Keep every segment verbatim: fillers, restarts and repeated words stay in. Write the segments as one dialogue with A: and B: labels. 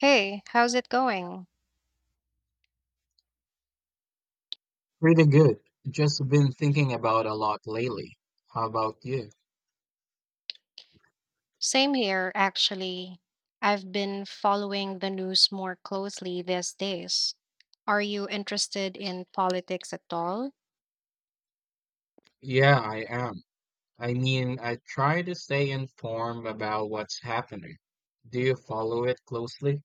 A: Hey, how's it going?
B: Pretty good. Just been thinking about a lot lately. How about you?
A: Same here, actually. I've been following the news more closely these days. Are you interested in politics at all?
B: Yeah, I am. I mean, I try to stay informed about what's happening. Do you follow it closely?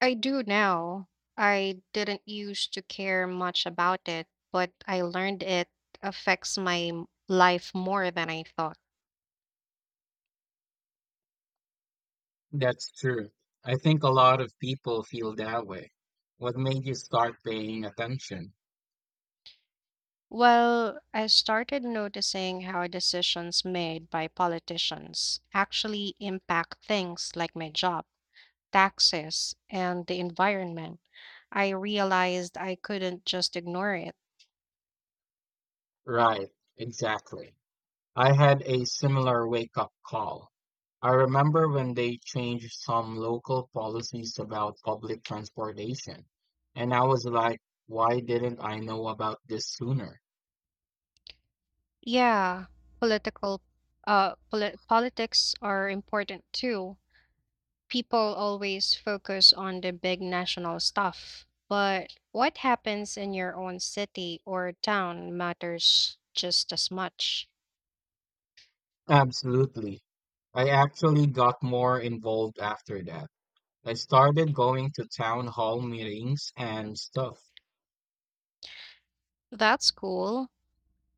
A: I do now. I didn't used to care much about it, but I learned it affects my m- life more than I thought.
B: That's true. I think a lot of people feel that way. What made you start paying attention?
A: Well, I started noticing how decisions made by politicians actually impact things like my job, taxes, and the environment. I realized I couldn't just ignore it.
B: Right, exactly. I had a similar wake-up call. I remember when they changed some local policies about public transportation, and I was like, why didn't I know about this sooner?
A: Yeah, political uh poli- politics are important too. People always focus on the big national stuff, but what happens in your own city or town matters just as much.
B: Absolutely. I actually got more involved after that. I started going to town hall meetings and stuff.
A: That's cool.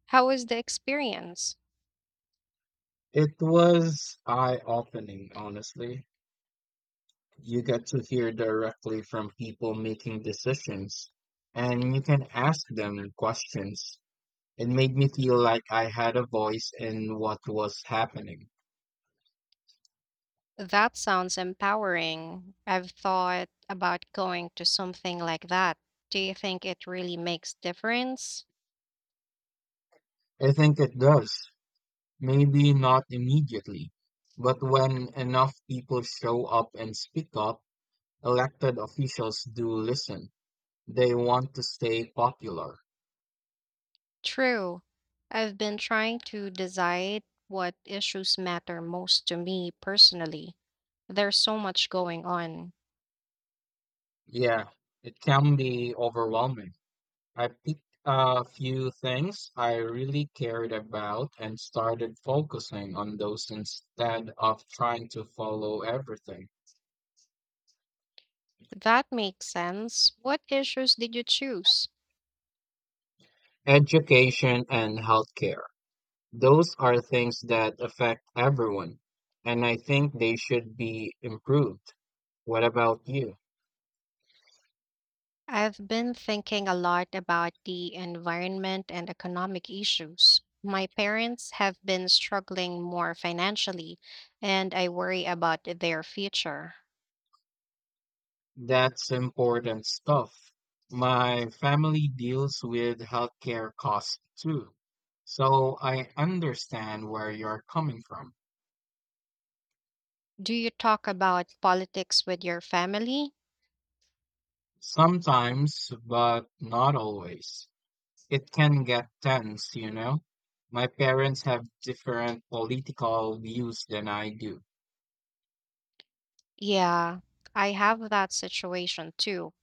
A: How was the experience?
B: It was eye-opening, honestly. You get to hear directly from people making decisions, and you can ask them questions. It made me feel like I had a voice in what was happening.
A: That sounds empowering. I've thought about going to something like that. Do you think it really makes difference?
B: I think it does. Maybe not immediately, but when enough people show up and speak up, elected officials do listen. They want to stay popular.
A: True. I've been trying to decide what issues matter most to me personally. There's so much going on.
B: Yeah, it can be overwhelming. I picked a few things I really cared about and started focusing on those instead of trying to follow everything.
A: That makes sense. What issues did you choose?
B: Education and healthcare. Those are things that affect everyone, and I think they should be improved. What about you?
A: I've been thinking a lot about the environment and economic issues. My parents have been struggling more financially, and I worry about their future.
B: That's important stuff. My family deals with healthcare costs too, so I understand where you're coming from.
A: Do you talk about politics with your family?
B: Sometimes, but not always. It can get tense, you know? My parents have different political views than I do.
A: Yeah, I have that situation too.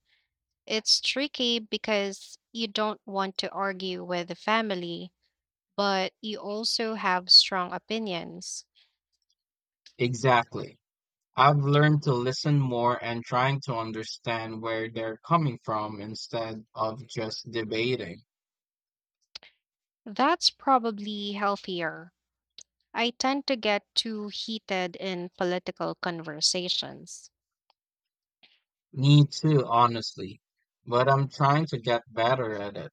A: It's tricky because you don't want to argue with the family, but you also have strong opinions.
B: Exactly. I've learned to listen more and trying to understand where they're coming from instead of just debating.
A: That's probably healthier. I tend to get too heated in political conversations.
B: Me too, honestly. But I'm trying to get better at it.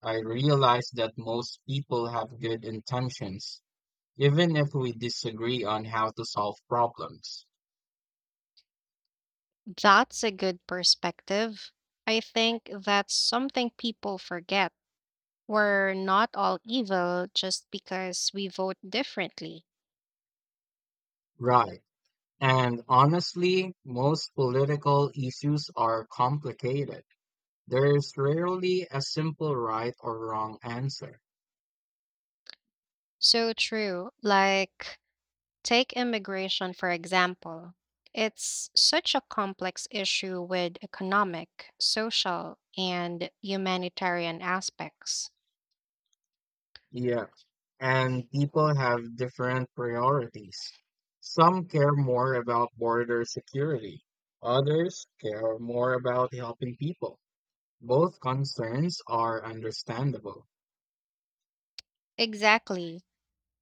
B: I realize that most people have good intentions, even if we disagree on how to solve problems.
A: That's a good perspective. I think that's something people forget. We're not all evil just because we vote differently.
B: Right. And honestly, most political issues are complicated. There's rarely a simple right or wrong answer.
A: So true. Like, take immigration, for example. It's such a complex issue with economic, social, and humanitarian aspects.
B: Yeah, and people have different priorities. Some care more about border security, others care more about helping people. Both concerns are understandable.
A: Exactly.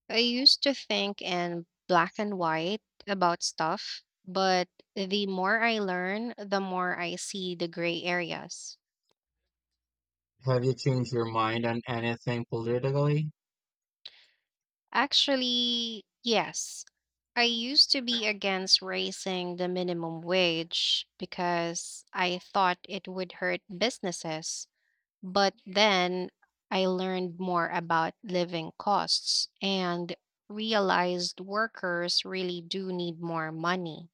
A: I used to think in black and white about stuff, but the more I learn, the more I see the gray areas.
B: Have you changed your mind on anything politically?
A: Actually, yes. I used to be against raising the minimum wage because I thought it would hurt businesses. But then I learned more about living costs and realized workers really do need more money.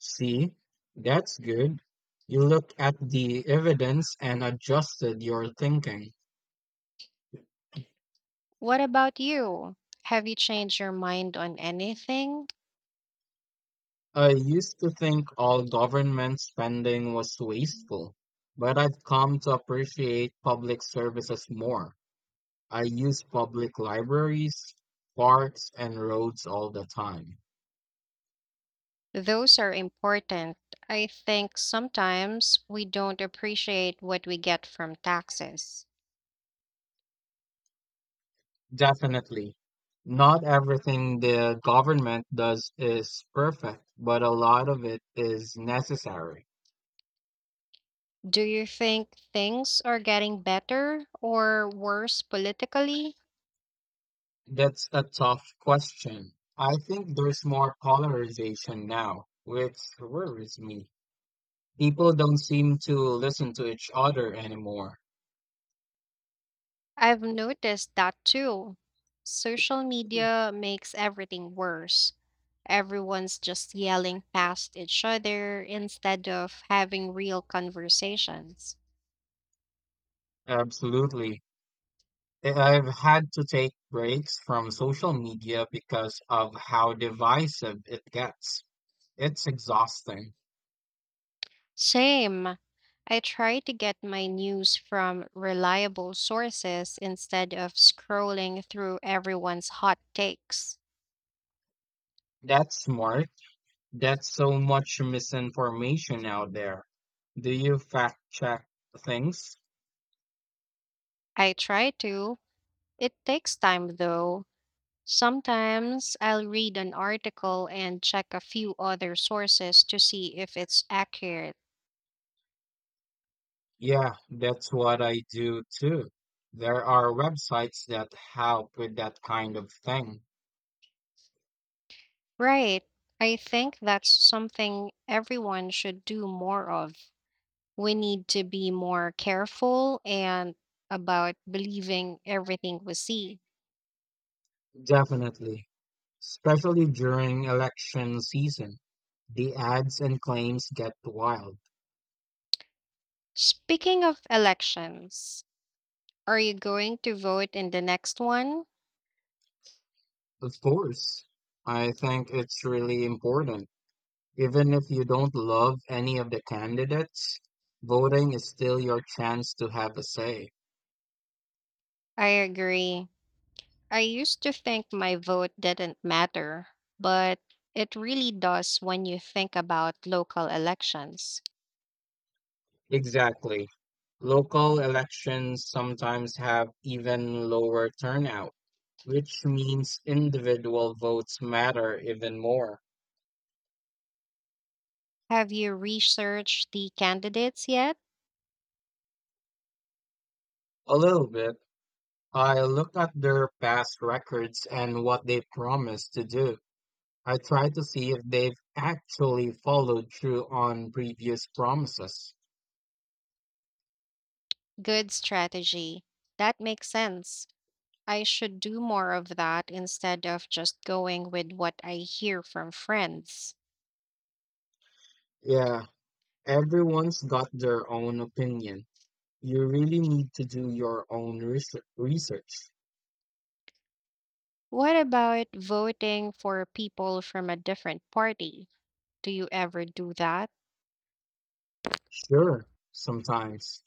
B: See, that's good. You looked at the evidence and adjusted your thinking.
A: What about you? Have you changed your mind on anything?
B: I used to think all government spending was wasteful, but I've come to appreciate public services more. I use public libraries, parks, and roads all the time.
A: Those are important. I think sometimes we don't appreciate what we get from taxes.
B: Definitely. Not everything the government does is perfect, but a lot of it is necessary.
A: Do you think things are getting better or worse politically?
B: That's a tough question. I think there's more polarization now, which worries me. People don't seem to listen to each other anymore.
A: I've noticed that too. Social media makes everything worse. Everyone's just yelling past each other instead of having real conversations.
B: Absolutely. I- I've had to take breaks from social media because of how divisive it gets. It's exhausting.
A: Same. I try to get my news from reliable sources instead of scrolling through everyone's hot takes.
B: That's smart. That's so much misinformation out there. Do you fact check things?
A: I try to. It takes time though. Sometimes I'll read an article and check a few other sources to see if it's accurate.
B: Yeah, that's what I do too. There are websites that help with that kind of thing.
A: Right. I think that's something everyone should do more of. We need to be more careful and about believing everything we see.
B: Definitely, especially during election season. The ads and claims get wild.
A: Speaking of elections, are you going to vote in the next one?
B: Of course, I think it's really important. Even if you don't love any of the candidates, voting is still your chance to have a say.
A: I agree. I used to think my vote didn't matter, but it really does when you think about local elections.
B: Exactly. Local elections sometimes have even lower turnout, which means individual votes matter even more.
A: Have you researched the candidates yet?
B: A little bit. I looked at their past records and what they promised to do. I tried to see if they've actually followed through on previous promises.
A: Good strategy. That makes sense. I should do more of that instead of just going with what I hear from friends.
B: Yeah, everyone's got their own opinion. You really need to do your own research. research.
A: What about voting for people from a different party? Do you ever do that?
B: Sure, sometimes.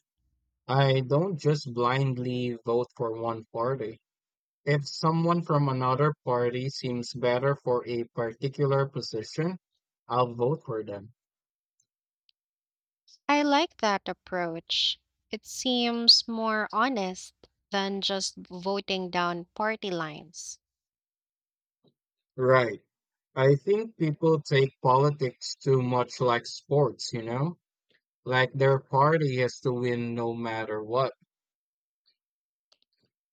B: I don't just blindly vote for one party. If someone from another party seems better for a particular position, I'll vote for them.
A: I like that approach. It seems more honest than just voting down party lines.
B: Right. I think people take politics too much like sports, you know? Like their party has to win no matter what.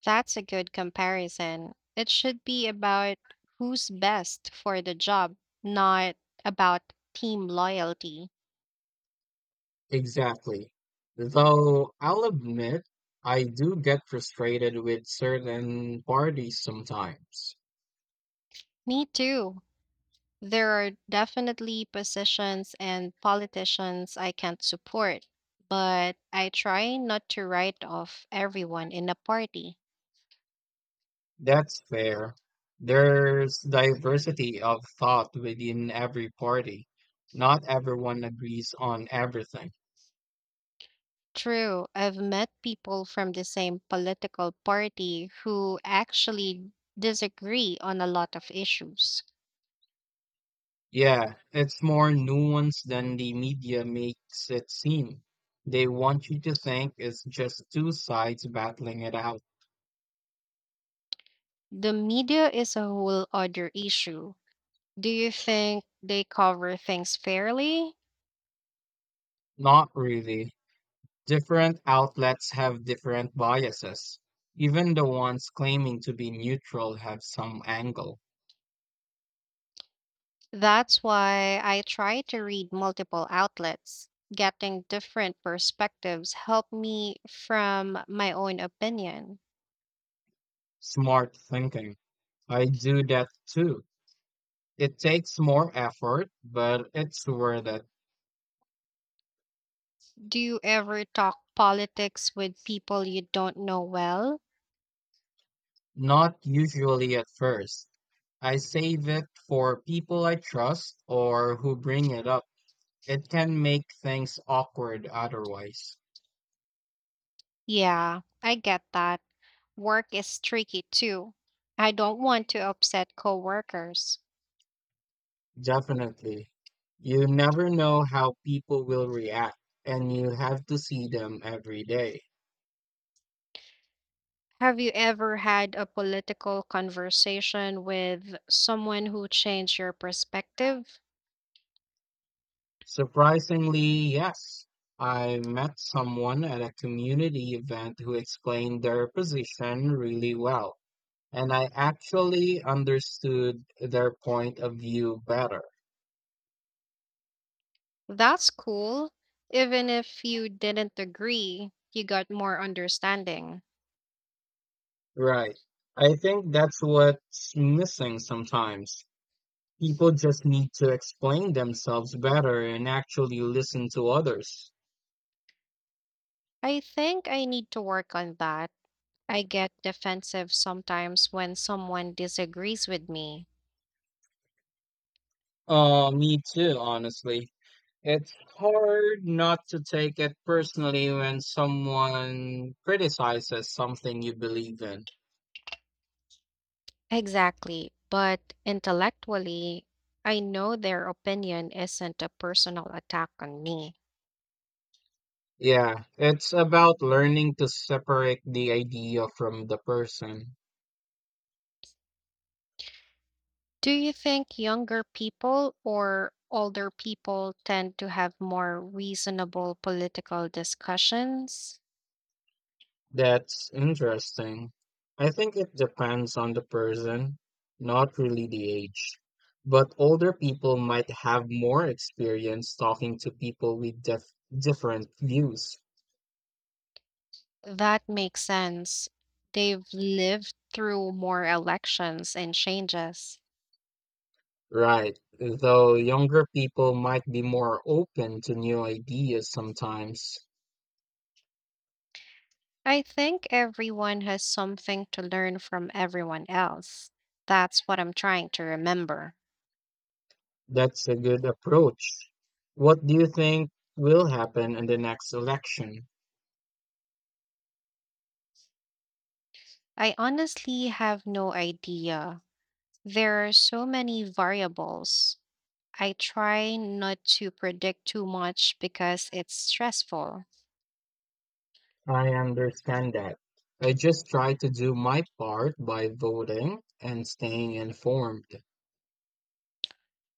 A: That's a good comparison. It should be about who's best for the job, not about team loyalty.
B: Exactly. Though I'll admit, I do get frustrated with certain parties sometimes.
A: Me too. There are definitely positions and politicians I can't support, but I try not to write off everyone in a party.
B: That's fair. There's diversity of thought within every party. Not everyone agrees on everything.
A: True. I've met people from the same political party who actually disagree on a lot of issues.
B: Yeah, it's more nuanced than the media makes it seem. They want you to think it's just two sides battling it out.
A: The media is a whole other issue. Do you think they cover things fairly?
B: Not really. Different outlets have different biases. Even the ones claiming to be neutral have some angle.
A: That's why I try to read multiple outlets. Getting different perspectives help me from my own opinion.
B: Smart thinking. I do that too. It takes more effort, but it's worth it.
A: Do you ever talk politics with people you don't know well?
B: Not usually at first. I save it for people I trust or who bring it up. It can make things awkward otherwise.
A: Yeah, I get that. Work is tricky too. I don't want to upset coworkers.
B: Definitely. You never know how people will react, and you have to see them every day.
A: Have you ever had a political conversation with someone who changed your perspective?
B: Surprisingly, yes. I met someone at a community event who explained their position really well, and I actually understood their point of view better.
A: That's cool. Even if you didn't agree, you got more understanding.
B: Right. I think that's what's missing sometimes. People just need to explain themselves better and actually listen to others.
A: I think I need to work on that. I get defensive sometimes when someone disagrees with me.
B: Uh, me too, honestly. It's hard not to take it personally when someone criticizes something you believe in.
A: Exactly. But intellectually, I know their opinion isn't a personal attack on me.
B: Yeah, it's about learning to separate the idea from the person.
A: Do you think younger people or older people tend to have more reasonable political discussions?
B: That's interesting. I think it depends on the person, not really the age. But older people might have more experience talking to people with def- different views,
A: That makes sense. They've lived through more elections and changes.
B: right? Though younger people might be more open to new ideas sometimes.
A: I think everyone has something to learn from everyone else. That's what I'm trying to remember.
B: That's a good approach. What do you think will happen in the next election?
A: I honestly have no idea. There are so many variables. I try not to predict too much because it's stressful.
B: I understand that. I just try to do my part by voting and staying informed.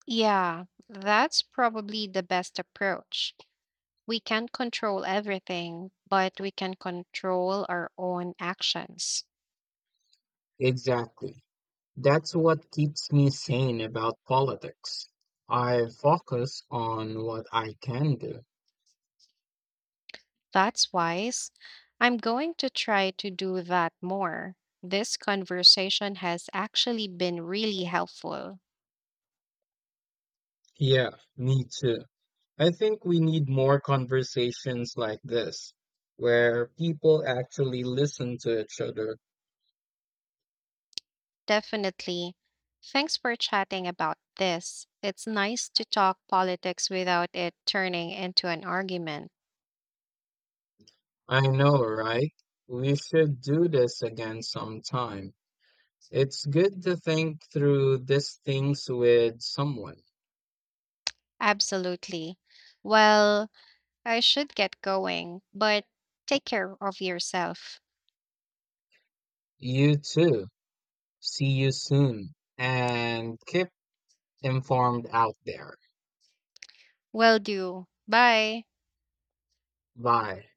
A: Yeah, that's probably the best approach. We can't control everything, but we can control our own actions.
B: Exactly. That's what keeps me sane about politics. I focus on what I can do.
A: That's wise. I'm going to try to do that more. This conversation has actually been really helpful.
B: Yeah, me too. I think we need more conversations like this, where people actually listen to each other.
A: Definitely. Thanks for chatting about this. It's nice to talk politics without it turning into an argument.
B: I know, right? We should do this again sometime. It's good to think through these things with someone.
A: Absolutely. Well, I should get going, but take care of yourself.
B: You too. See you soon. And keep informed out there.
A: Will do. Bye.
B: Bye.